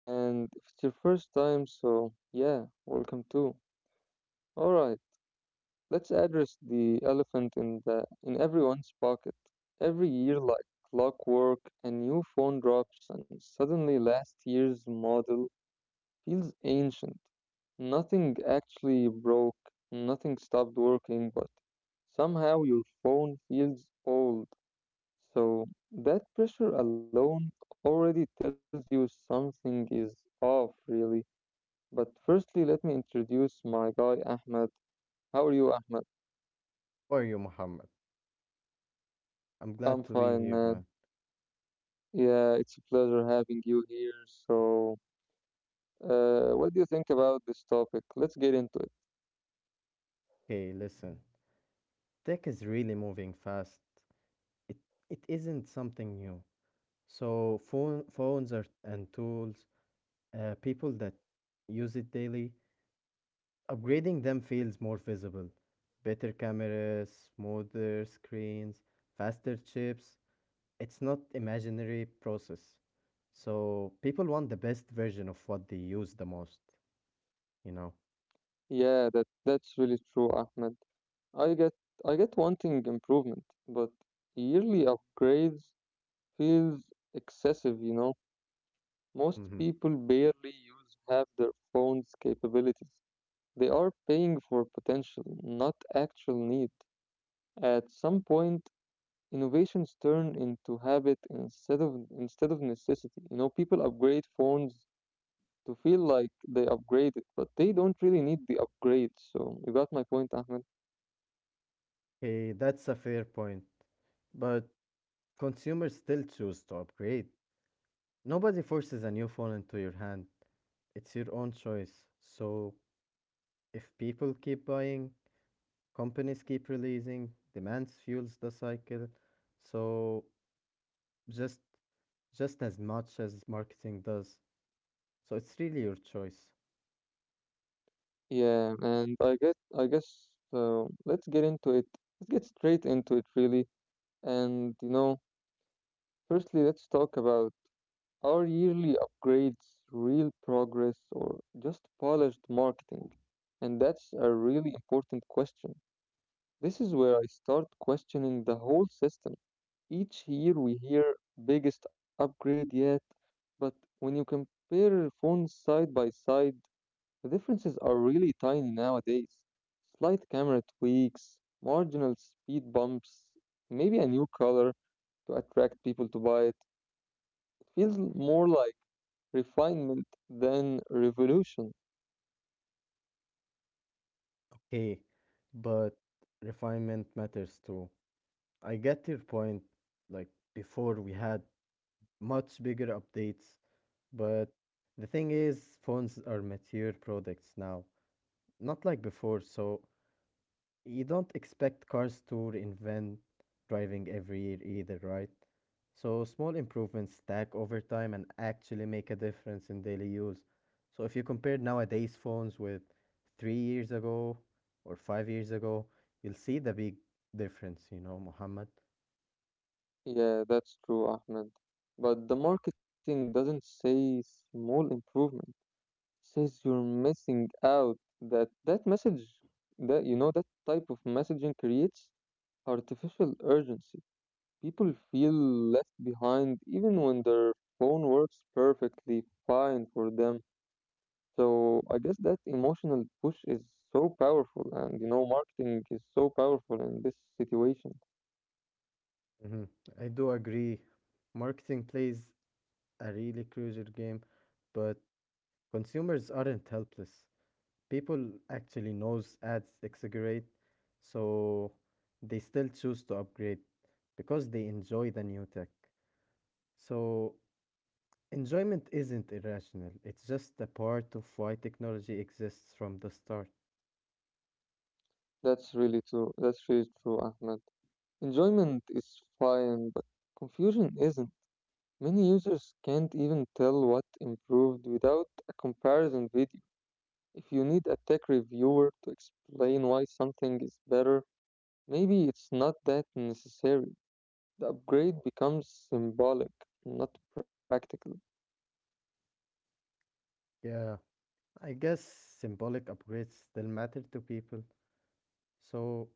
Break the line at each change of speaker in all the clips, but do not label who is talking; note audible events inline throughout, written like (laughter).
And if it's your first time, so yeah, welcome too. All right, let's address the elephant in everyone's pocket. Every year, like clockwork, a new phone drops, and suddenly last year's model feels ancient. Nothing actually broke, nothing stopped working, but somehow your phone feels old, so that pressure alone already tells you something is off, really. But firstly, let me introduce my guy, Ahmed. How are you, Ahmed?
How are you, Muhammad? I'm glad
I'm
to be
fine,
here,
man.
man.
Yeah, it's a pleasure having you here. So, what do you think about this topic? Let's get into it.
Hey, listen, tech is really moving fast. It it isn't something new. So phones are and tools, people that use it daily, upgrading them feels more visible. Better cameras, smoother screens, faster chips. It's not imaginary process. So people want the best version of what they use the most, you know.
Yeah, that's really true, Ahmed. I get I get wanting improvement, but yearly upgrades feels excessive. Most
Mm-hmm.
people barely use half their phone's capabilities. They are paying for potential, not actual need. At some point, innovations turn into habit instead of necessity. People upgrade phones to feel like they upgraded, but they don't really need the upgrade. So you got my point, Ahmed?
Hey, that's a fair point. But consumers still choose to upgrade. Nobody forces a new phone into your hand. It's your own choice. So if people keep buying, companies keep releasing, demands fuels the cycle. So just just as much as marketing does. So it's really your choice.
Yeah, and I guess, let's get into it. Let's get straight into it, really. And you know, Firstly, let's talk about are yearly upgrades real progress or just polished marketing? And that's a really important question. This is where I start questioning the whole system. Each year we hear biggest upgrade yet, but when you compare phones side by side, the differences are really tiny nowadays. Slight camera tweaks, marginal speed bumps, maybe a new color to attract people to buy it. It feels more like refinement, then revolution.
Okay, but refinement matters too. I get your point. Like before, we had much bigger updates, but the thing is, phones are mature products now, not like before, so you don't expect cars to reinvent driving every year either, right? So small improvements stack over time and actually make a difference in daily use. So if you compare nowadays phones with 3 years ago or 5 years ago, you'll see the big difference, you know, Mohammed.
Yeah, that's true, Ahmed. But the marketing doesn't say small improvement. It says you're missing out. That that message, that you know, that type of messaging creates artificial urgency. People feel left behind even when their phone works perfectly fine for them. So I guess that emotional push is so powerful, and marketing is so powerful in this situation.
Muhammad. I do agree. Marketing plays a really crucial game, but consumers aren't helpless. People actually knows ads exaggerate, so they still choose to upgrade because they enjoy the new tech. So enjoyment isn't irrational. It's just a part of why technology exists from the start.
That's really true. That's really true, Ahmed. Enjoyment is fine, but confusion isn't. Many users can't even tell what improved without a comparison video. If you need a tech reviewer to explain why something is better, maybe it's not that necessary. The upgrade becomes symbolic, not practical.
Yeah, I guess symbolic upgrades still matter to people. So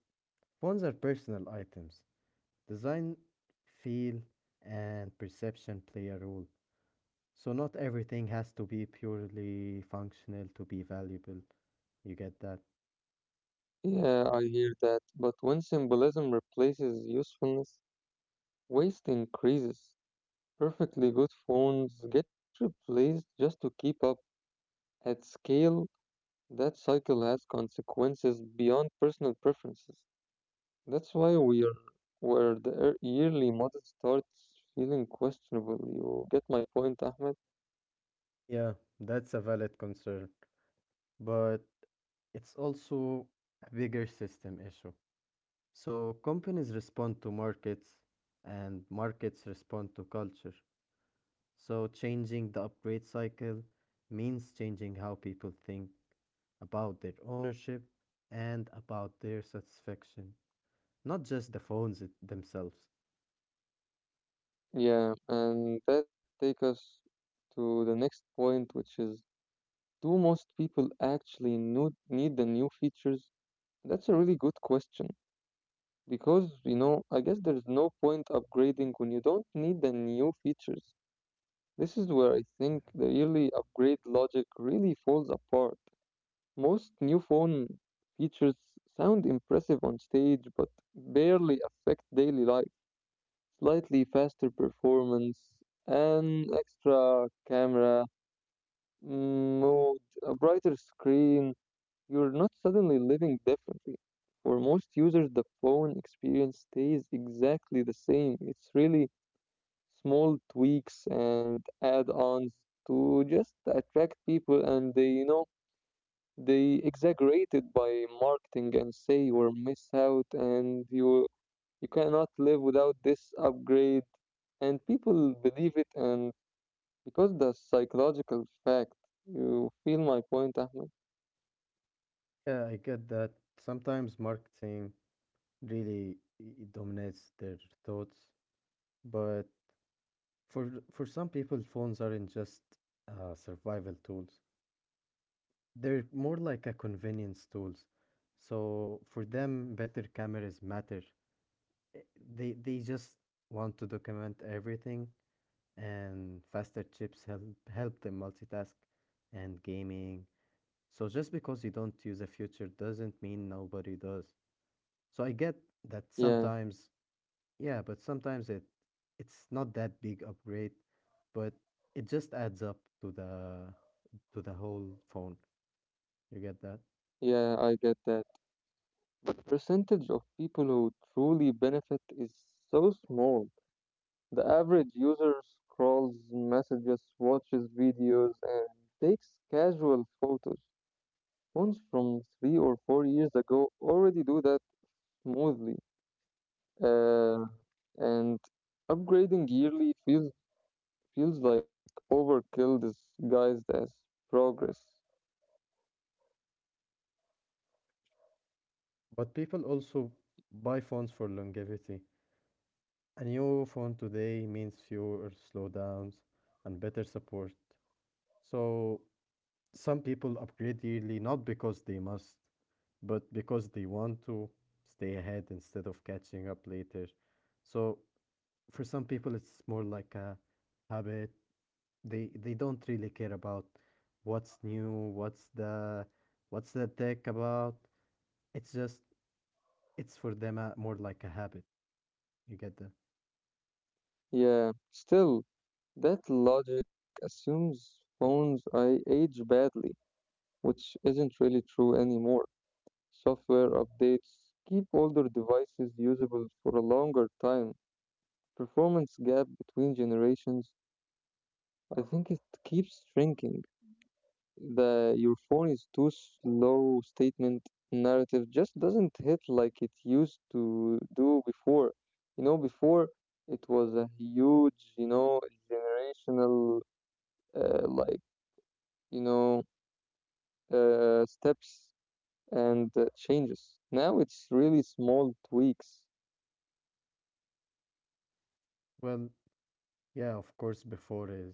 phones are personal items. Design, feel, and perception play a role. So not everything has to be purely functional to be valuable. You get that?
Yeah, I hear that, but when symbolism replaces usefulness, waste increases. Perfectly good phones get replaced just to keep up at scale. That cycle has consequences beyond personal preferences. That's why we are where the yearly model starts feeling questionable. You get my point, Ahmed?
Yeah, that's a valid concern, but it's also a bigger system issue. So companies respond to markets and markets respond to culture. So changing the upgrade cycle means changing how people think about their ownership and about their satisfaction, not just the phones themselves.
Yeah, and that take us to the next point, which is, do most people actually need the new features? That's a really good question. Because, I guess there's no point upgrading when you don't need the new features. This is where I think the yearly upgrade logic really falls apart. Most new phone features sound impressive on stage but barely affect daily life. Slightly faster performance, an extra camera, mode, a brighter screen, you're not suddenly living differently. For most users, the phone experience stays exactly the same. It's really small tweaks and add ons to just attract people, and they exaggerate it by marketing and say you will miss out, and you cannot live without this upgrade, and people believe it, and because the psychological fact, you feel my point, Ahmed?
Yeah, I get that. Sometimes marketing really dominates their thoughts, but for some people, phones aren't just survival tools. They're more like a convenience tools. So for them, better cameras matter. Eh, they just want to document everything, and faster chips help them multitask and gaming. So just because you don't use a future doesn't mean nobody does. So I get that
Yeah,
sometimes, yeah, but sometimes it's not that big upgrade, but it just adds up to the whole phone. You get that?
yeah, I get that. The percentage of people who truly benefit is so small. The average user scrolls messages, watches videos, and takes casual photos. Phones from 3 or 4 years ago already do that smoothly, uh, and upgrading yearly feels like overkill disguised as progress.
But people also buy phones for longevity. A new phone today means fewer slowdowns and better support. So some people upgrade yearly not because they must, but because they want to stay ahead instead of catching up later. So for some people it's more like a habit, they don't really care about what's new, what's the tech about. It's just it's for them, more like a habit. You get that?
Yeah, still, that logic assumes phones I age badly, which isn't really true anymore. Software
Mhm.
updates keep older devices usable for a longer time. Performance gap between generations, I think it keeps shrinking. The your phone is too slow statement narrative just doesn't hit like it used to do before. Before it was a huge, generational, like, you know, steps and changes. Now it's really small tweaks.
Well, yeah, of course before is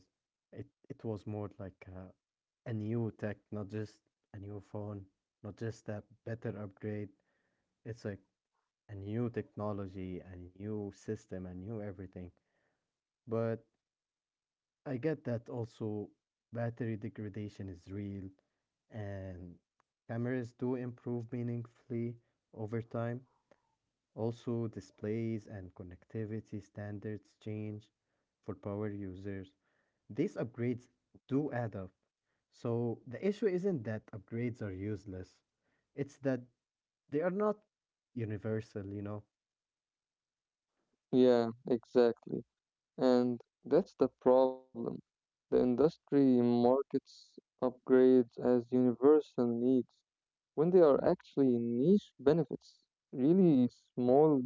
it it was more like a new tech, not just a new phone, not just a better upgrade. It's like a new technology, a new system, a new everything. But I get that also battery degradation is real and cameras do improve meaningfully over time. Also, displays and connectivity standards change for power users. These upgrades do add up. So the issue isn't that upgrades are useless. It's that they are not universal, you know?
Yeah, exactly. And that's the problem. The industry markets upgrades as universal needs when they are actually niche benefits. Really small,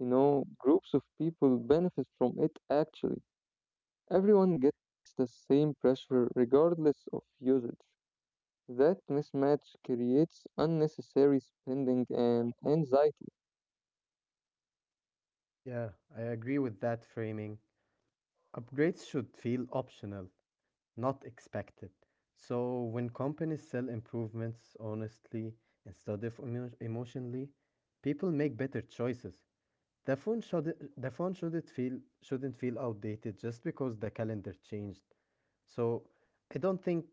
groups of people benefit from it actually. Everyone gets the same pressure regardless of usage. That mismatch creates unnecessary spending and anxiety.
Yeah, I agree with that framing. Upgrades should feel optional, not expected. So when companies sell improvements honestly instead of emotionally, people make better choices. The phone should the phone shouldn't feel outdated just because the calendar changed. So I don't think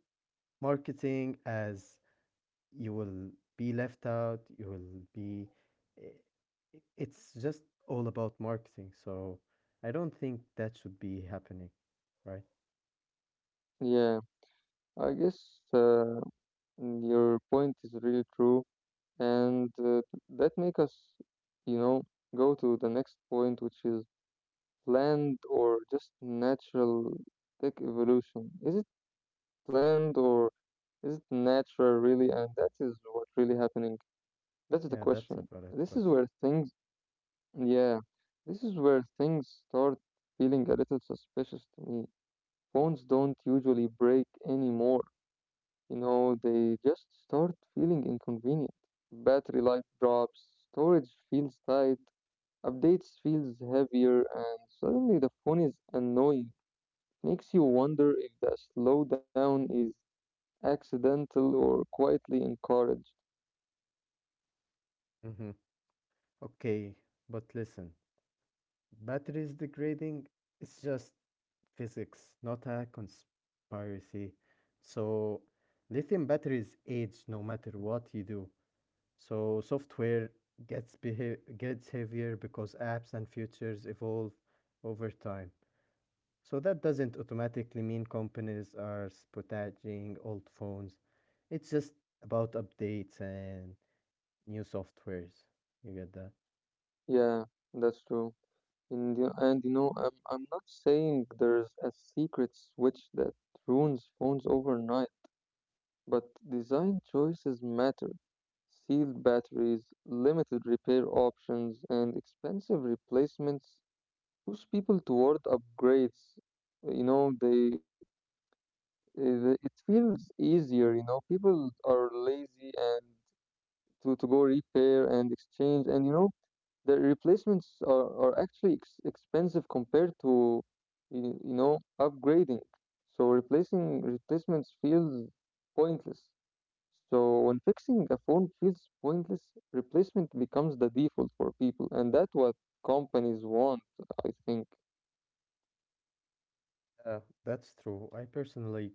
marketing as you will be left out, you will be I- I- it's just all about marketing. So I don't think that should be happening, right?
Yeah, I guess, uh, your point is really true. And, that make us, you know, go to the next point, which is, planned or just natural tech evolution. Is it planned or is it natural really? And that is what really happening. That's the
Yeah, that's a
question.
valid
This is
question.
where things, yeah, this is where things start feeling a little suspicious to me. Phones don't usually break anymore. They just start feeling inconvenient. Battery life drops, storage feels tight, updates feels heavier, and suddenly the phone is annoying. Makes you wonder if the slowdown is accidental or quietly encouraged.
hmm Okay, but listen, batteries degrading is just physics, not a conspiracy. So lithium batteries age no matter what you do. So software gets heavier because apps and features evolve over time. So that doesn't automatically mean companies are sabotaging old phones. It's just about updates and new softwares. You get that?
Yeah, that's true. And you, I'm not saying there's a secret switch that ruins phones overnight. But design choices matter. Sealed batteries, limited repair options, and expensive replacements push people toward upgrades. You know, they it it feels easier. People are lazy, and to go repair and exchange, and the replacements are actually expensive compared to upgrading. So replacing replacements feels pointless. So when fixing a phone feels pointless, replacement becomes the default for people, and that's what companies want, I think.
Yeah, that's true. I personally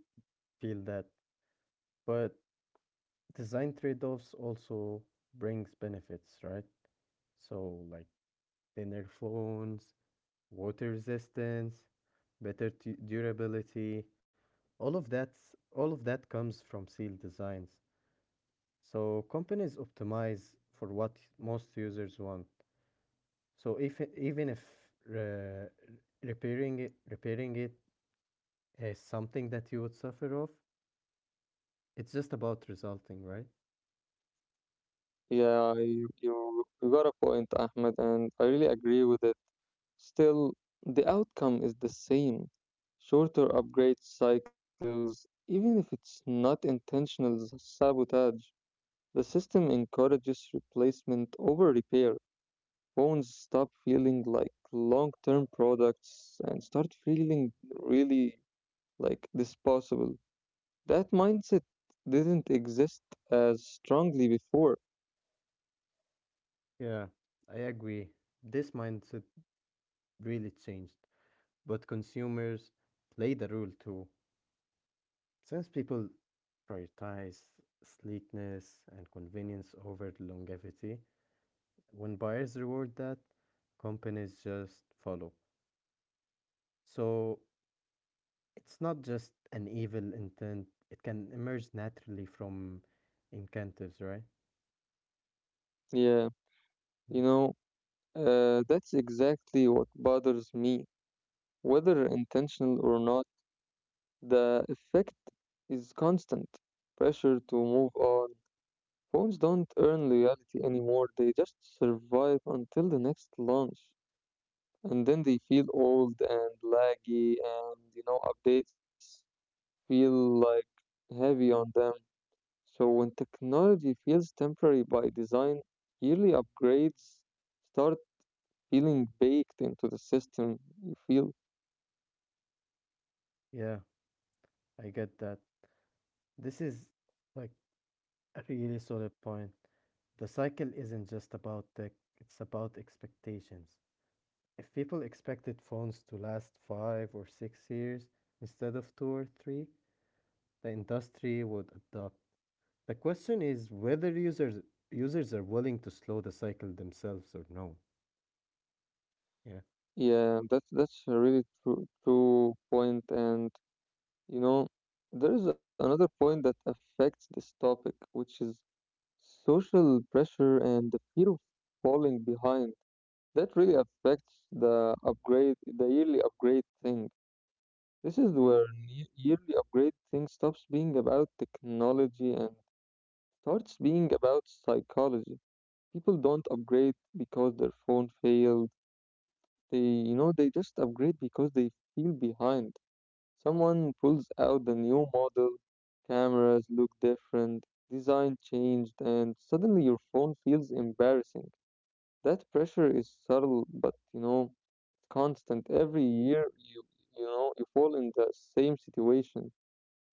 feel that, but design trade-offs also brings benefits, right? So like thinner phones, water resistance, better t durability. All of that comes from sealed designs. So companies optimize for what most users want. So if even if uh, repairing it is something that you would suffer of, it's just about resulting, right?
Yeah, you got a point, Ahmed, and I really agree with it. Still, the outcome is the same. Shorter upgrade cycles, even if it's not intentional sabotage, the system encourages replacement over repair. Phones stop feeling like long term products and start feeling really like disposable. That mindset didn't exist as strongly before.
Yeah, I agree. This mindset really changed. But consumers played a role too. Since people prioritize sleekness and convenience over longevity, when buyers reward that, companies just follow. So it's not just an evil intent, it can emerge naturally from incentives, right?
Yeah, you
It's-
know, that's exactly what bothers me. Whether intentional or not, the effect is constant pressure to move on. Phones don't earn loyalty anymore, they just survive until the next launch, and then they feel old and laggy, and updates feel like heavy on them. So when technology feels temporary by design, yearly upgrades start feeling baked into the system, you feel?
Yeah, I get that. This is like a really solid point. The cycle isn't just about tech, it's about expectations. If people expected phones to last 5 or 6 years instead of two or three, the industry would adopt. The question is whether users are willing to slow the cycle themselves or no. Yeah.
Yeah, that's a really true, true point, and you know there is another point that affects this topic, which is social pressure and the fear of falling behind. That really affects the upgrade, the yearly upgrade thing. This is where yearly upgrade thing stops being about technology and starts being about psychology. People don't upgrade because their phone failed. They just upgrade because they feel behind. Someone pulls out the new model, cameras look different, design changed, and suddenly your phone feels embarrassing. That pressure is subtle, but constant every year. you you know you fall in the same situation,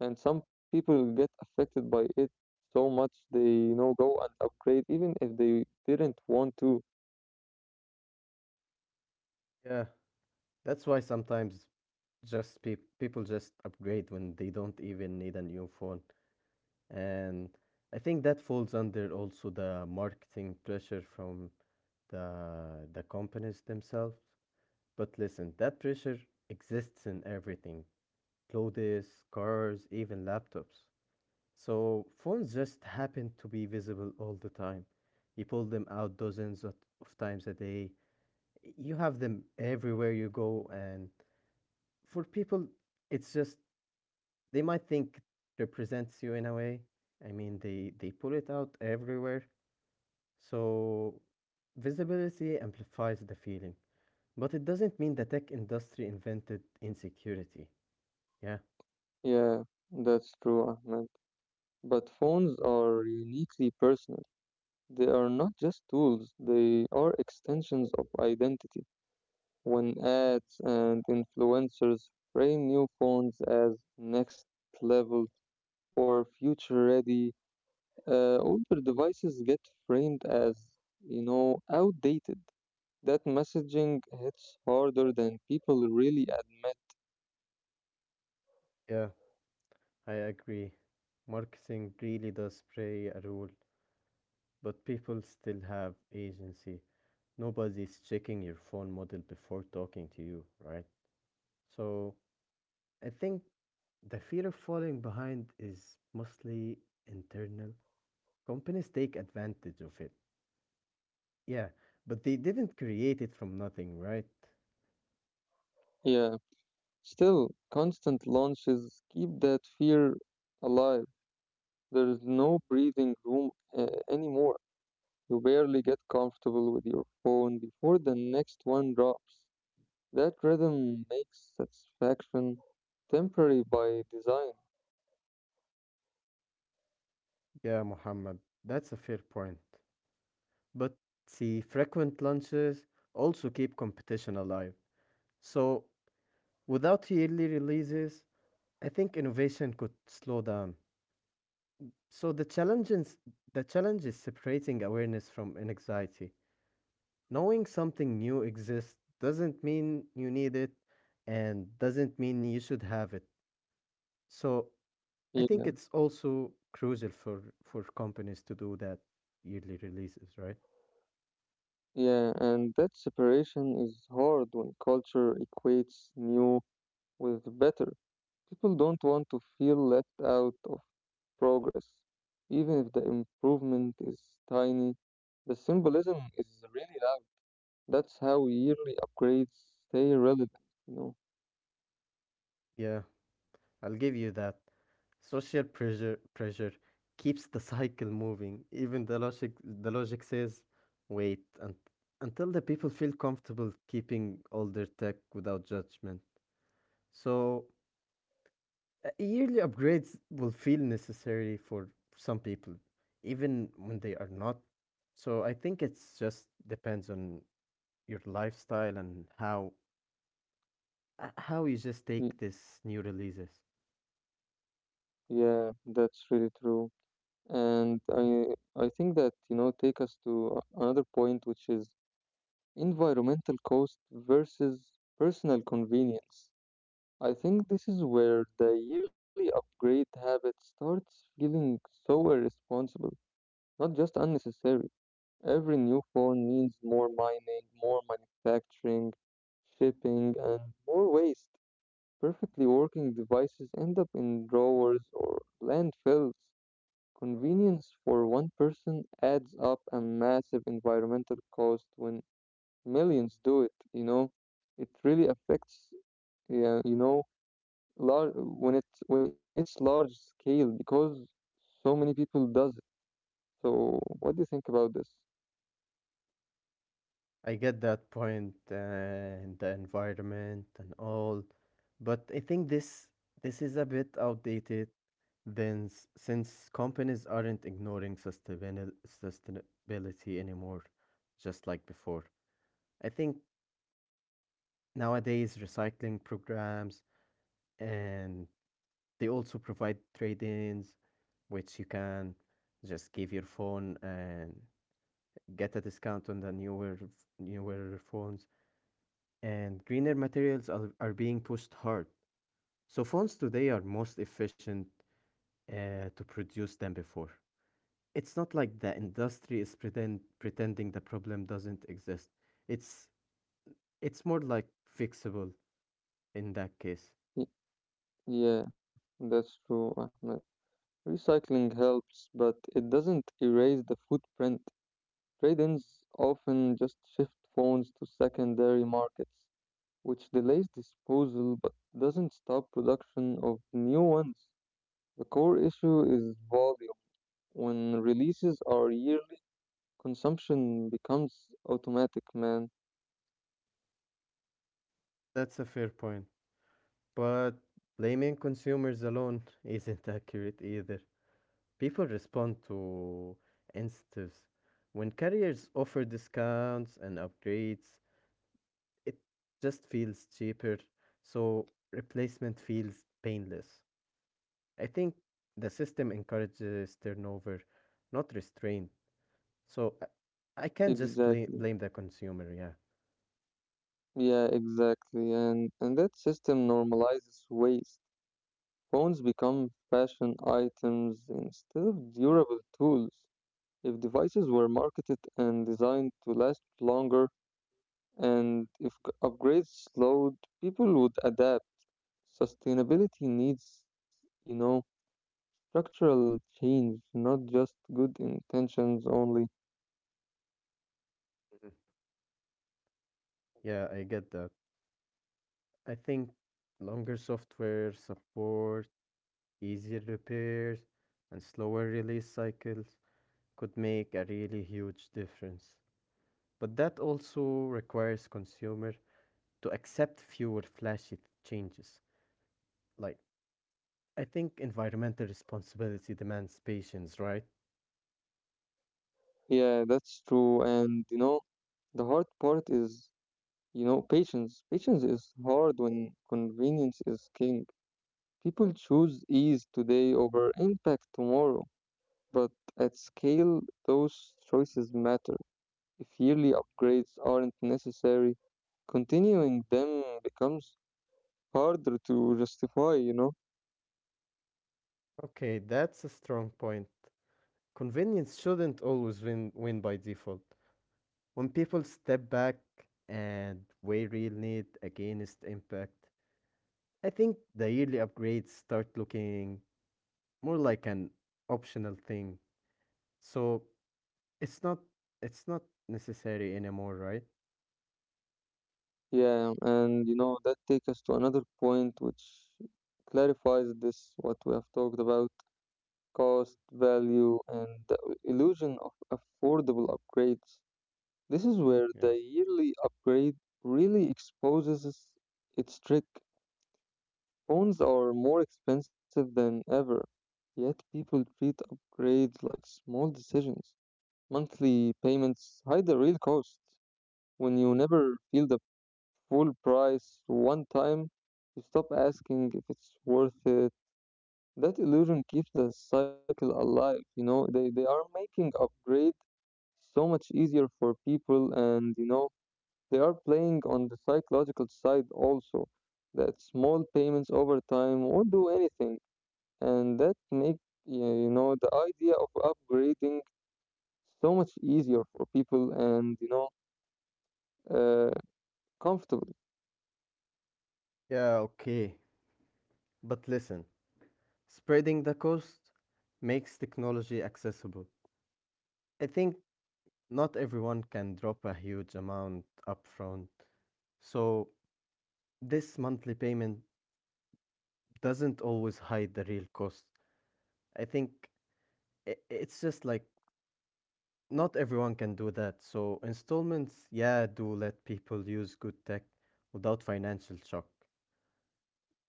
and some people get affected by it so much they go and upgrade even if they didn't want to.
Yeah. That's why sometimes just people just upgrade when they don't even need a new phone. And I think that falls under also the marketing pressure from the companies themselves. But listen, that pressure exists in everything. Clothes, cars, even laptops. So phones just happen to be visible all the time. You pull them out dozens of times a day. You have them everywhere you go, and for people, it's just they might think it represents you in a way. I mean, they pull it out everywhere. So visibility amplifies the feeling. But it doesn't mean the tech industry invented insecurity. Yeah,
Yeah, that's true, Ahmed, but phones are uniquely personal. They are not just tools, they are extensions of identity. When ads and influencers frame new phones as next level or future ready, older devices get framed as, outdated. That messaging hits harder than people really admit.
yeah, I agree. Marketing really does play a role, but people still have agency. Nobody's checking your phone model before talking to you, right? So I think the fear of falling behind is mostly internal. Companies take advantage of it. Yeah, but they didn't create it from nothing, right?
Yeah. Still, constant launches keep that fear alive. There is no breathing room anymore. You barely get comfortable with your phone before the next one drops. That rhythm makes satisfaction temporary by design.
Yeah, Muhammad, that's a fair point. But see, frequent launches also keep competition alive. So without yearly releases, I think innovation could slow down. So the challenge is separating awareness from anxiety. Knowing something new exists doesn't mean you need it and doesn't mean you should have it. So I think it's also crucial for companies to do that yearly releases, right?
Yeah, and that separation is hard when culture equates new with better. People don't want to feel left out of progress. Even if the improvement is tiny, the symbolism is really loud. That's how yearly upgrades stay relevant, you know.
Yeah. I'll give you that. Social pressure keeps the cycle moving. Even the logic says wait un until the people feel comfortable keeping older tech without judgment. So yearly upgrades will feel necessary for some people, even when they are not. So I think it's just depends on your lifestyle and how you just take
Y-
this new releases.
Yeah, that's really true. And I think that, take us to another point, which is environmental cost versus personal convenience. I think this is where the yearly upgrade habit starts feeling so irresponsible, not just unnecessary. Every new phone means more mining, more manufacturing, shipping, and more waste. Perfectly working devices end up in drawers or landfills. Convenience for one person adds up a massive environmental cost when millions do it, you know? It really affects. Yeah, large, when it's large scale, because so many people does it. So what do you think about this?
I get that point in the environment and all, but I think this is a bit outdated. Then, since companies aren't ignoring sustainability anymore, just like before, I think nowadays recycling programs and they also provide trade-ins, which you can just give your phone and get a discount on the newer phones. And greener materials are being pushed hard. So phones today are most efficient to produce than before. It's not like the industry is pretending the problem doesn't exist. It's it's more like fixable in that case.
Y- Yeah, that's true, Ahmed. Recycling helps, but it doesn't erase the footprint. Trade-ins often just shift phones to secondary markets, which delays disposal but doesn't stop production of new ones. The core issue is volume. When releases are yearly, consumption becomes automatic, man.
That's a fair point. But blaming consumers alone (laughs) isn't accurate either. People respond to incentives. When carriers offer discounts and upgrades, it just feels cheaper, so replacement feels painless. I think the system encourages turnover, not restraint. So I can't just
Exactly.
blame the consumer. Yeah.
Yeah, exactly. And that system normalizes waste. Phones become fashion items instead of durable tools. If devices were marketed and designed to last longer, and if upgrades slowed, people would adapt. Sustainability needs, you know, structural change, not just good intentions only.
Mhm. Yeah, I get that. I think longer software support, easier repairs, and slower release cycles could make a really huge difference. But that also requires consumer to accept fewer flashy changes. Like, I think environmental responsibility demands patience, right?
Yeah, that's true. And the hard part is patience. Patience is hard when convenience is king. People choose ease today over impact tomorrow, but at scale, those choices matter. If yearly upgrades aren't necessary, continuing them becomes harder to justify, you know?
Okay, that's a strong point. Convenience shouldn't always win by default. When people step back and weigh real need against impact, I think the yearly upgrades start looking more like an optional thing. So it's not it's not necessary anymore, right?
Yeah, and that takes us to another point which clarifies this what we have talked about cost, value, and the illusion of affordable upgrades. This is where the
Yeah.
yearly upgrade really exposes its trick. Phones are more expensive than ever, yet people treat upgrades like small decisions. Monthly payments hide the real cost. When you never feel the full price one time, you stop asking if it's worth it. That illusion keeps the cycle alive. They are making upgrade so much easier for people, and they are playing on the psychological side also, that small payments over time won't do anything, and that make yeah, the idea of upgrading so much easier for people and uh, comfortable.
Yeah, okay. But listen, spreading the cost makes technology accessible. I think not everyone can drop a huge amount upfront, so this monthly payment doesn't always hide the real cost. I think it's just like not everyone can do that. So installments, yeah, do let people use good tech without financial shock.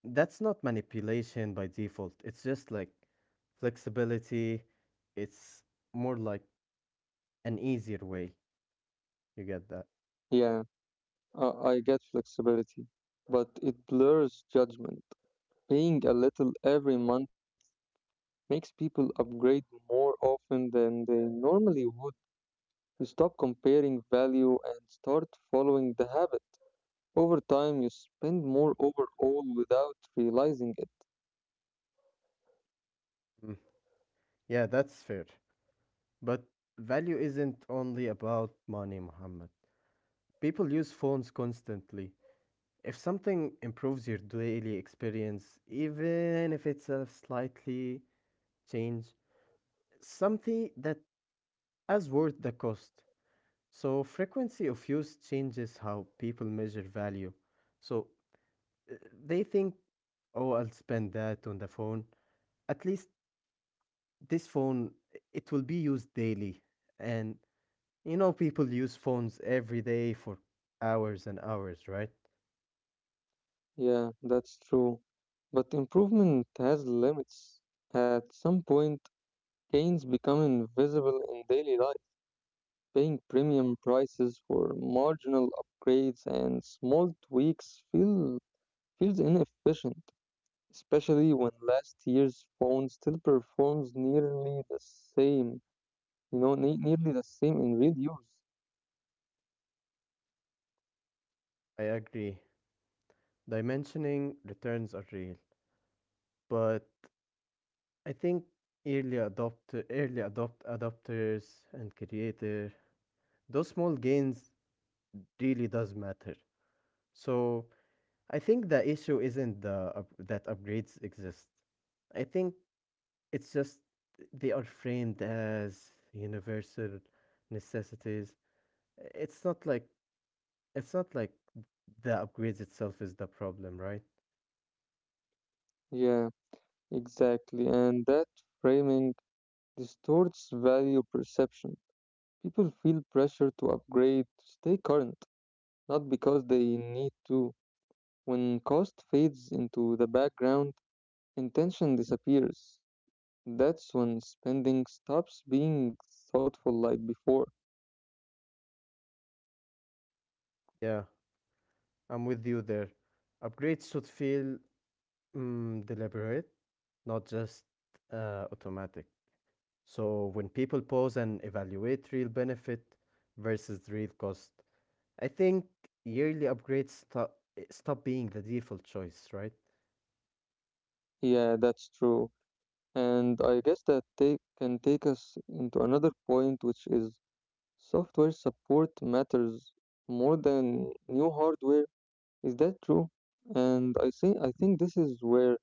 That's not manipulation by default. It's just like flexibility. It's more like an easier way. You get that?
Yeah, I, I get flexibility, but it blurs judgment. Paying a little every month makes people upgrade more often than they normally would. You stop comparing value and start following the habit. Over time, you spend more overall without realizing it.
Mm. Yeah, that's fair. But value isn't only about money, Muhammad. People use phones constantly. If something improves your daily experience, even if it's a slightly change, something that is worth the cost. So frequency of use changes how people measure value. So uh, they think, oh, I'll spend that on the phone. At least this phone, it will be used daily. And people use phones every day for hours and hours, right?
Yeah, that's true. But improvement has limits. At some point, gains become invisible in daily life. Paying premium prices for marginal upgrades and small tweaks feels inefficient, especially when last year's phone still performs nearly the same, nearly the same in real use.
I agree. Dimensioning returns are real, but I think early adopters and creator, those small gains really does matter. So I think the issue isn't that upgrades exist. I think it's just they are framed as universal necessities. It's not like it's not like the upgrades itself is the problem, right?
Yeah, exactly. And that framing distorts value perception. People feel pressure to upgrade to stay current, not because they need to. When cost fades into the background, intention disappears. That's when spending stops being thoughtful like before.
Yeah, I'm with you there. Upgrades should feel deliberate, not just automatic. So when people pause and evaluate real benefit versus real cost, I think yearly upgrades stop being the default choice, right?
Yeah, that's true. And I guess that can take us into another point, which is software support matters more than new hardware. Is that true? And I think this is where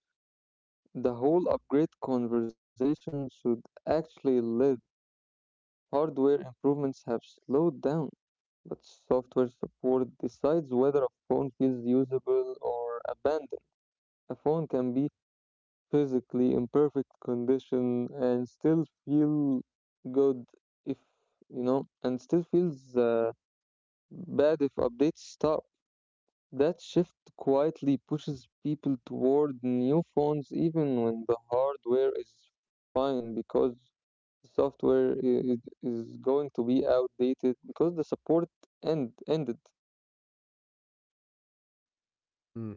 the whole upgrade conversation should actually live. Hardware improvements have slowed down, but software support decides whether a phone feels usable or abandoned. A phone can be physically in perfect condition and still feel good if you know, and still feels bad if updates stop. That shift quietly pushes people toward new phones even when the hardware is fine because software is going to be outdated because the support ended.
Mm.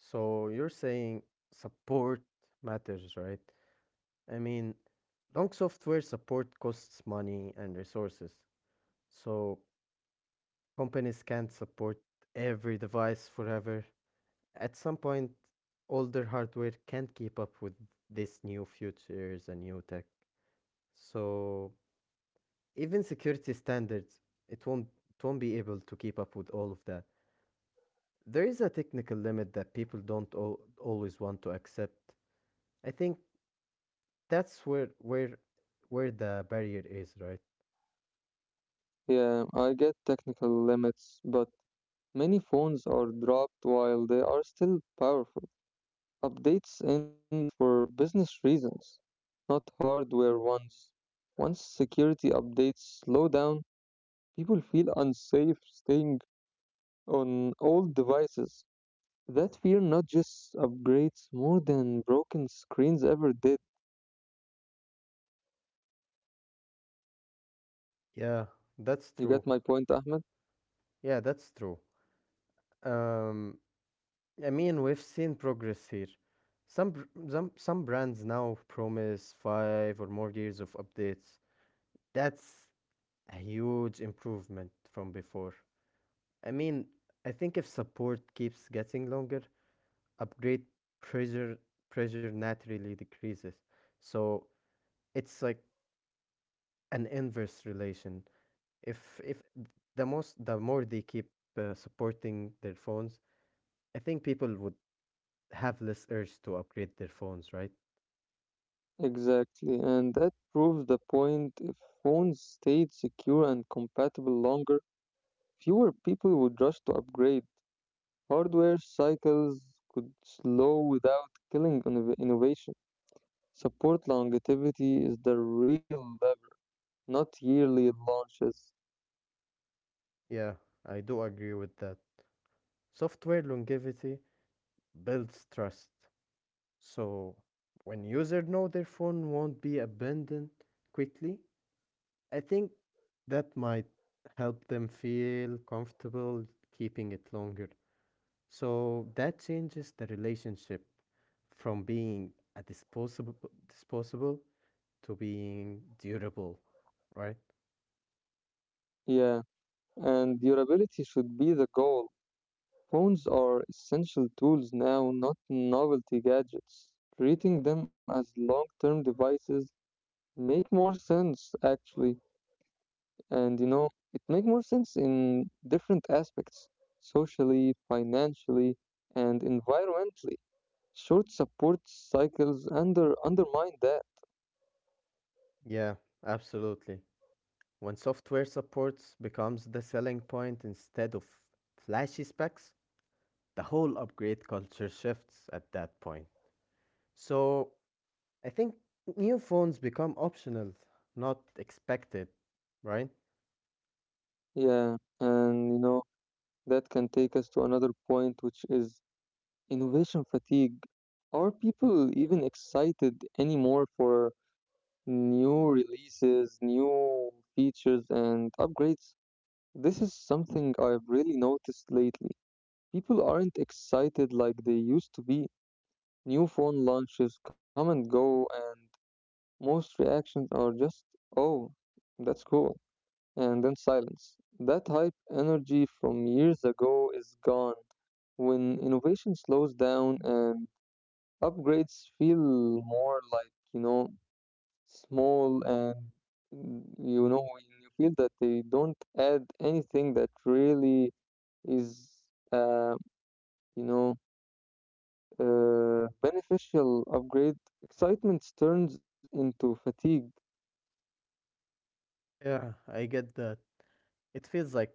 So you're saying support matters, right? I mean, long software support costs money and resources. So companies can't support every device forever. At some point, older hardware can't keep up with this new features and new tech. So even security standards, it won't be able to keep up with all of that. There is a technical limit that people don't always want to accept. I think that's where the barrier is, right?
Yeah, I get technical limits, but many phones are dropped while they are still powerful. Updates end for business reasons, not hardware ones. Once security updates slow down, people feel unsafe staying on old devices. That fear not just upgrades more than broken screens ever did.
Yeah,
You
that's
get my
true.
point, Ahmed?
Yeah, that's true. Um, I mean, we've seen progress here. Some, br- some brands now promise 5 or more years of updates. That's a huge improvement from before. I mean, I think if support keeps getting longer, upgrade pressure pressure naturally decreases. So it's like an inverse relation. If the more they keep supporting their phones, I think people would have less urge to upgrade their phones, right?
Exactly, and that proves the point. If phones stayed secure and compatible longer, fewer people would rush to upgrade. Hardware cycles could slow without killing innovation. Support longevity is the real lever, not yearly launches.
Yeah, I do agree with that. Software longevity builds trust. So when users know their phone won't be abandoned quickly, I think that might help them feel comfortable keeping it longer. So that changes the relationship from being a disposable to being durable, right?
Yeah, and durability should be the goal. Phones are essential tools now, not novelty gadgets. Treating them as long-term devices make more sense actually. And it makes more sense in different aspects socially, financially, and environmentally. Short support cycles undermine that.
Yeah, absolutely. When software supports becomes the selling point instead of flashy specs, the whole upgrade culture shifts at that point. So I think new phones become optional, not expected, right?
Yeah, and that can take us to another point, which is innovation fatigue. Are people even excited anymore for new releases, new features, and upgrades? This is something I've really noticed lately. People aren't excited like they used to be. New phone launches come and go, and most reactions are just, oh, that's cool, and then silence. That hype energy from years ago is gone. When innovation slows down and upgrades feel more like, small and when you feel that they don't add anything that really is, uh, you know, beneficial upgrade, excitement turns into fatigue.
Yeah, I get that. It feels like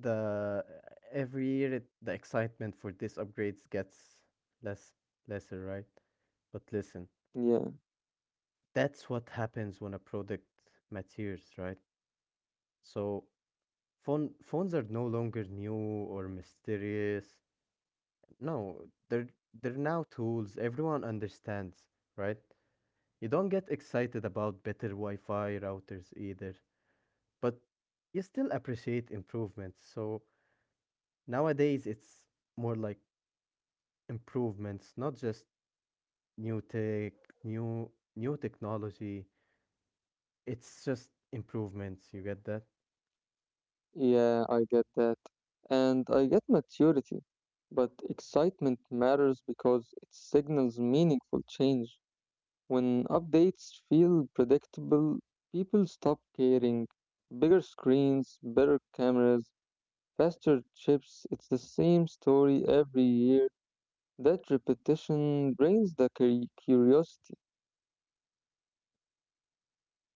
the every year it, the excitement for these upgrades gets less lesser, right? But listen,
Yeah,
that's what happens when a product matures, right? So phones are no longer new or mysterious. No, they're they're now tools everyone understands, right? You don't get excited about better Wi-Fi routers either, but you still appreciate improvements. So nowadays it's more like improvements, not just new tech, new new technology. It's just improvements. You get that?
yeah, I get that. And I get maturity. But excitement matters because it signals meaningful change. When updates feel predictable, people stop caring. Bigger screens, better cameras, faster chips, it's the same story every year. That repetition drains the curiosity.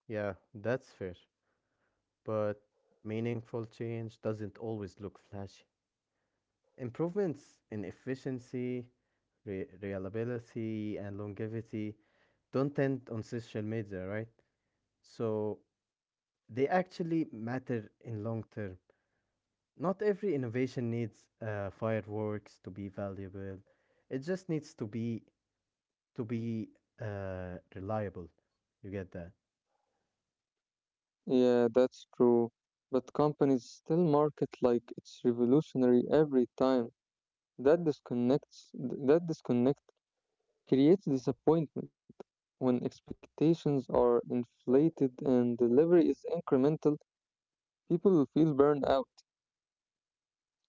Yeah, that's fair. But meaningful change doesn't always look flashy. Improvements in efficiency, reliability, and longevity don't end on social media, right? So they actually matter in long term. Not every innovation needs fireworks to be valuable. It just needs to be reliable. You get that?
Yeah, that's true. But companies still market like it's revolutionary every time. That disconnect creates disappointment. When expectations are inflated and delivery is incremental, people feel burned out.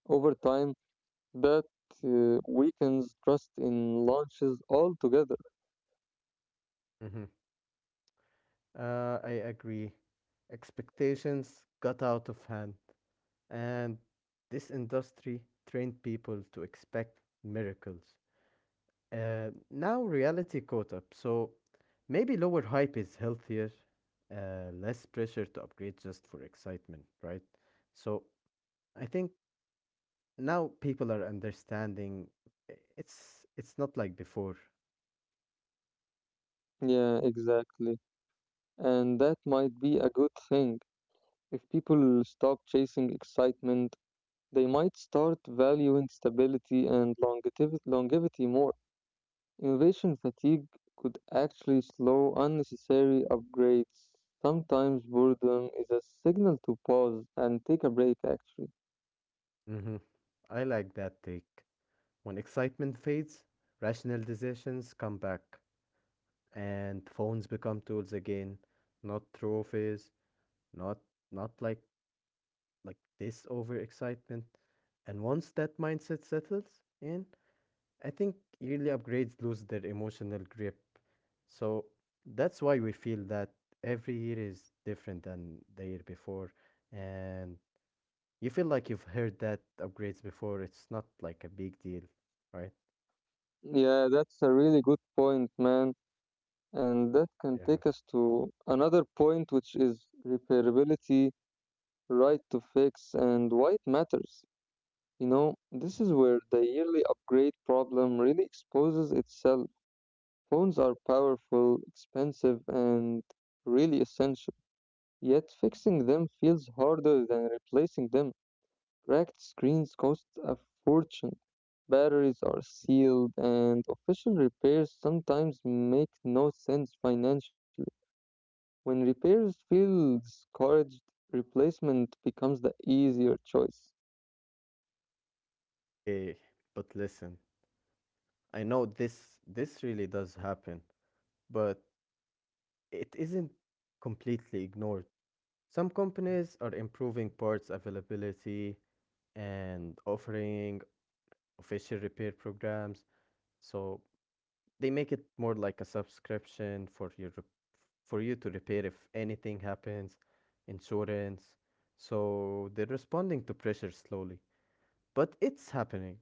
Over time, that weakens trust in launches altogether.
Mm-hmm. I agree. Expectations got out of hand. And this industry trained people to expect miracles. Now reality caught up, so maybe lower hype is healthier, less pressure to upgrade just for excitement, right? So I think now people are understanding it's not like before.
Yeah, exactly. And that might be a good thing if people stop chasing excitement. They might start valuing stability and longevity more. Innovation fatigue could actually slow unnecessary upgrades. Sometimes boredom is a signal to pause and take a break, actually.
Hmm. I like that take. When excitement fades, rational decisions come back, and phones become tools again, not trophies. not not like this overexcitement. And once that mindset settles in, I think yearly upgrades lose their emotional grip. So that's why we feel that every year is different than the year before. And you feel like you've heard that upgrades before. It's not like a big deal, right?
Yeah, that's a really good point, man. And that can take us
Yeah.
to another point, which is repairability, right to fix, and why it matters. This is where the yearly upgrade problem really exposes itself. Phones are powerful, expensive, and really essential. Yet fixing them feels harder than replacing them. Cracked screens cost a fortune. Batteries are sealed, and official repairs sometimes make no sense financially. When repairs feel discouraged, replacement becomes the easier choice.
Eh, but listen, I know this really does happen, but it isn't completely ignored. Some companies are improving parts availability and offering official repair programs, so they make it more like a subscription for for you to repair if anything happens, insurance. So they're responding to pressure slowly, but it's happening.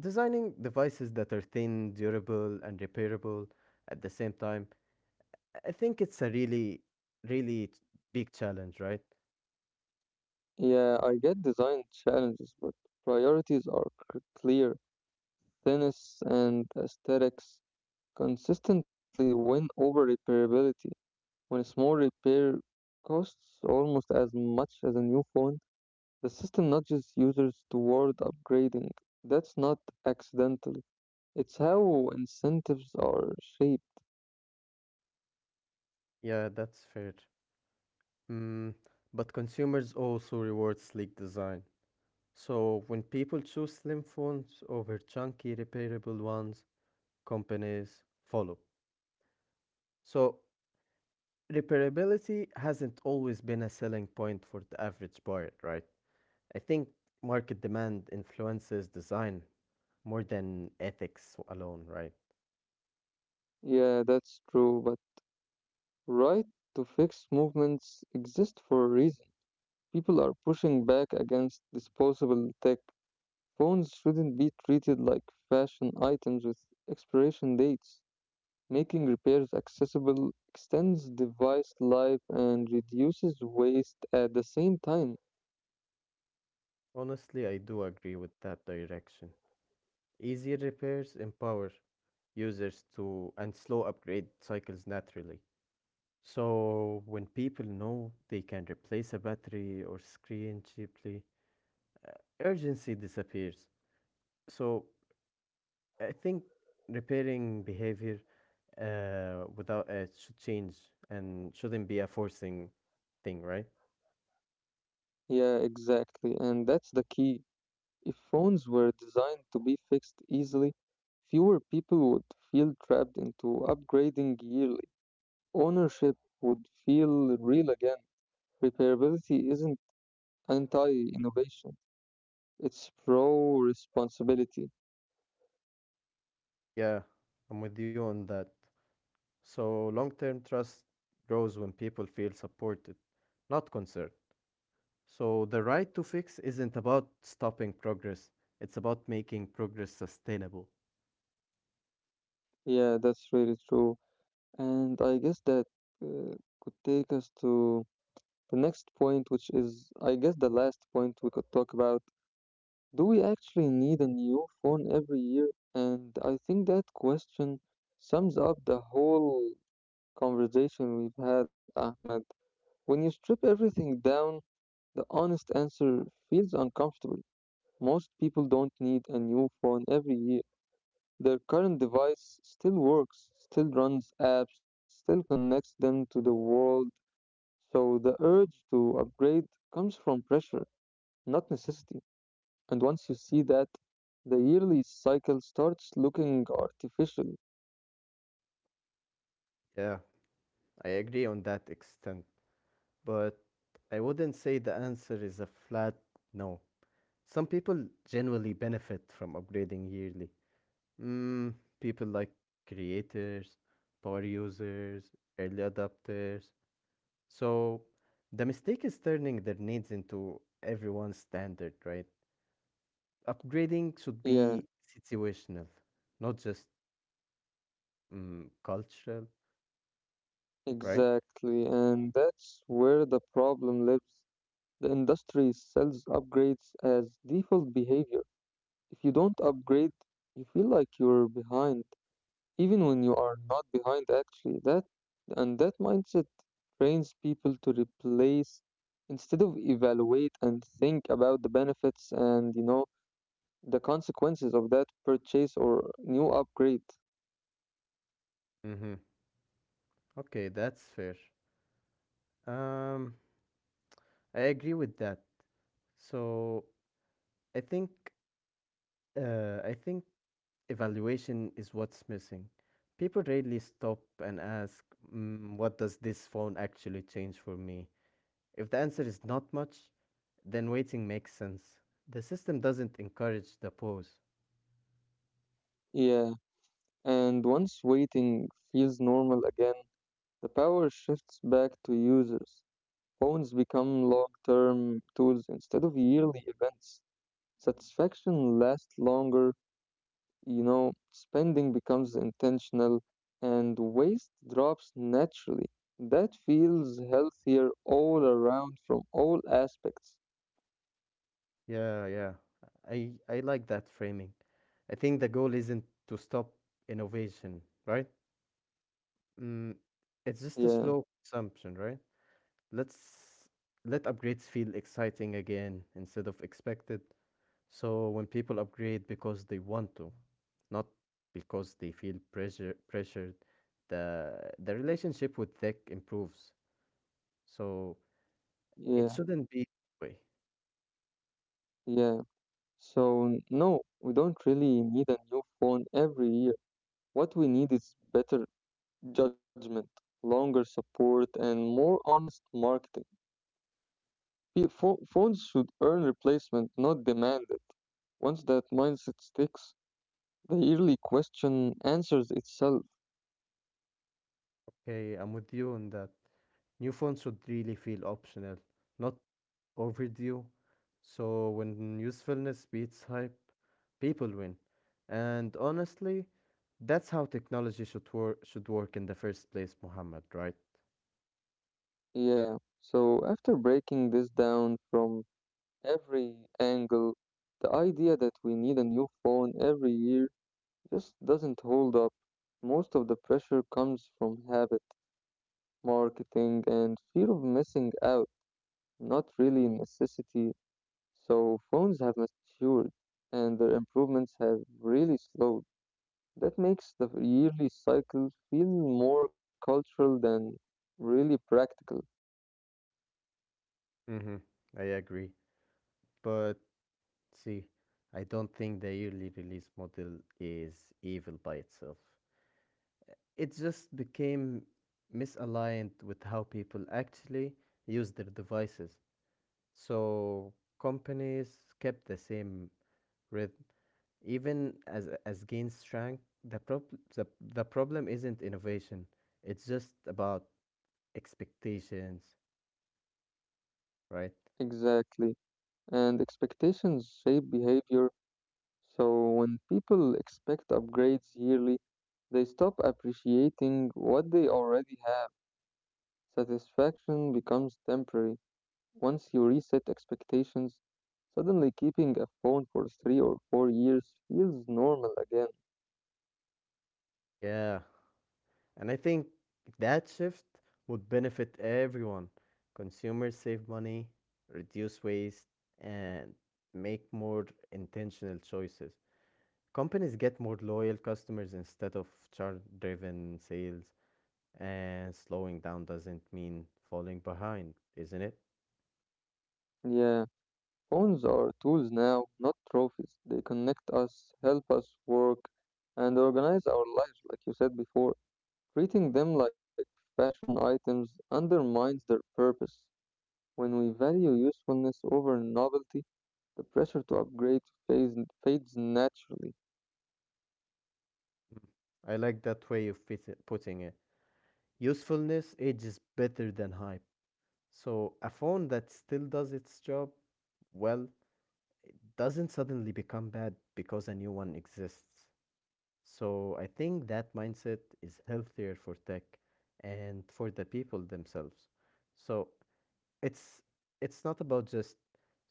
Designing devices that are thin, durable, and repairable at the same time, I think it's a really, really big challenge, right?
Yeah, I get design challenges, but priorities are clear. Thinness and aesthetics consistently win over repairability. When a small repair costs almost as much as a new phone, the system nudges users toward upgrading. That's not accidental. It's how incentives are shaped.
Yeah, that's fair. Mm, but consumers also reward sleek design. So when people choose slim phones over chunky repairable ones, companies follow. So repairability hasn't always been a selling point for the average buyer, right? I think market demand influences design more than ethics alone, right?
Yeah, that's true, but right to fix movements exist for a reason. People are pushing back against disposable tech. Phones shouldn't be treated like fashion items with expiration dates. Making repairs accessible extends device life and reduces waste at the same time.
Honestly, I do agree with that direction. Easier repairs empower users to and slow upgrade cycles naturally. So when people know they can replace a battery or screen cheaply, uh, urgency disappears. So I think repairing behavior without it should change and shouldn't be a forcing thing, right?
Yeah, exactly. And that's the key. If phones were designed to be fixed easily, fewer people would feel trapped into upgrading yearly. Ownership would feel real again. Repairability isn't anti-innovation, it's pro-responsibility.
Yeah, I'm with you on that. So long-term trust grows when people feel supported, not concerned. So the right to fix isn't about stopping progress, it's about making progress sustainable.
Yeah, that's really true. And I guess that uh, could take us to the next point, which is, I guess, the last point we could talk about, do we actually need a new phone every year? And I think that question sums up the whole conversation we've had, Ahmed. When you strip everything down, the honest answer feels uncomfortable. Most people don't need a new phone every year. Their current device still works, still runs apps, still connects them to the world. So the urge to upgrade comes from pressure, not necessity. And once you see that, the yearly cycle starts looking artificial.
Yeah. I agree on that extent, but I wouldn't say the answer is a flat no. Some people genuinely benefit from upgrading yearly. Mm, People like creators, power users, early adopters. So the mistake is turning their needs into everyone's standard, right? Upgrading should
Yeah,
be situational, not just cultural, right?
exactly. And that's where the problem lives. The industry sells upgrades as default behavior. If you don't upgrade, you feel like you're behind, even when you are not behind actually. That and that mindset trains people to replace instead of evaluate and think about the benefits and the consequences of that purchase or new upgrade.
Mm-hmm. Okay, that's fair. Um, I agree with that. So I think I think evaluation is what's missing. People rarely stop and ask, "What does this phone actually change for me?" If the answer is not much, then waiting makes sense. The system doesn't encourage the pause.
Yeah, and once waiting feels normal again, the power shifts back to users. Phones become long term tools instead of yearly events. Satisfaction lasts longer, spending becomes intentional, and waste drops naturally. That feels healthier all around from all aspects.
Yeah, yeah. I like that framing. I think the goal isn't to stop innovation, right? Mm, it's just
Yeah,
a slow consumption, right? Let's let upgrades feel exciting again instead of expected. So when people upgrade because they want to, not because they feel pressured, the relationship with tech improves. So it
yeah,
shouldn't be that way.
yeah. So, no, we don't really need a new phone every year. What we need is better judgment, longer support, and more honest marketing. Phones should earn replacement, not demand it. Once that mindset sticks, the yearly question answers itself.
Okay, I'm with you on that. New phones should really feel optional, not overdue. So when usefulness beats hype, people win. And honestly, that's how technology should work in the first place, Muhammad, right?
Yeah, so after breaking this down from every angle, the idea that we need a new phone every year just doesn't hold up. Most of the pressure comes from habit, marketing, and fear of missing out, not really necessity. So phones have matured and their improvements have really slowed. That makes the yearly cycle feel more cultural than really practical.
Mm-hmm. I agree. But see, I don't think the yearly release model is evil by itself. It just became misaligned with how people actually use their devices. So companies kept the same rhythm even as gains shrank, the, the problem isn't innovation. It's just about expectations, right?
Exactly. And expectations shape behavior. So when people expect upgrades yearly, they stop appreciating what they already have. Satisfaction becomes temporary. Once you reset expectations, suddenly keeping a phone for 3 or 4 years feels normal again.
Yeah. And I think that shift would benefit everyone. Consumers save money, reduce waste, and make more intentional choices. Companies get more loyal customers instead of chart-driven sales, and slowing down doesn't mean falling behind, isn't it?
Yeah, phones are tools now, not trophies. They connect us, help us work, and organize our lives, like you said before. Treating them like fashion items undermines their purpose. When we value usefulness over novelty, the pressure to upgrade fades, fades naturally.
I like that way of putting it. Usefulness ages better than hype. So a phone that still does its job well doesn't suddenly become bad because a new one exists. So I think that mindset is healthier for tech and for the people themselves. So it's it's not about just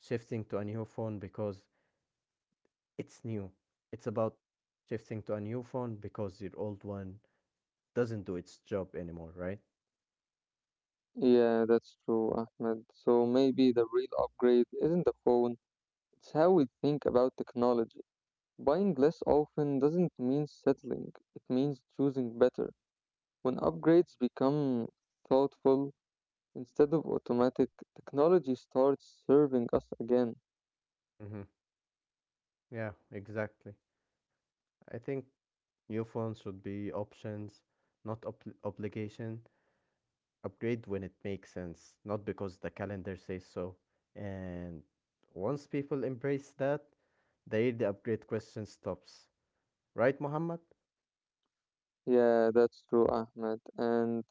shifting to a new phone because it's new. It's about shifting to a new phone because your old one doesn't do its job anymore, right?
Yeah, that's true, Ahmed. So maybe the real upgrade isn't the phone, it's how we think about technology. Buying less often doesn't mean settling, it means choosing better. When upgrades become thoughtful instead of automatic, technology starts serving us again.
Mhm. Yeah, exactly. I think new phones should be options, not obligation. Upgrade when it makes sense, not because the calendar says so. And once people embrace that, the upgrade question stops. Right, Muhammad?
Yeah, that's true, Ahmed. And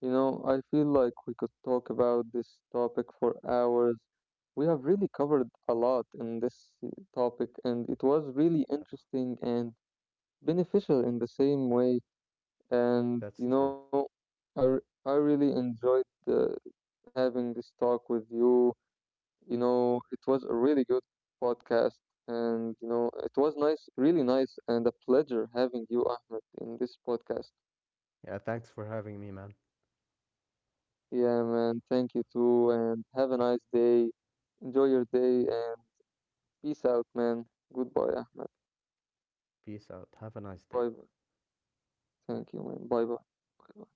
I feel like we could talk about this topic for hours. We have really covered a lot in this topic, and it was really interesting and beneficial in the same way. And
That's
you
true.
know, I, r- I really enjoyed having this talk with you. It was a really good podcast, and it was nice, really nice, and a pleasure having you, Ahmed, in this podcast.
Yeah, thanks for having me, man.
Yeah, man. Thank you too, and have a nice day. Enjoy your day, and peace out, man. Goodbye, Ahmed.
Peace out. Have a nice day.
Bye bye. Thank you, man. Bye bye.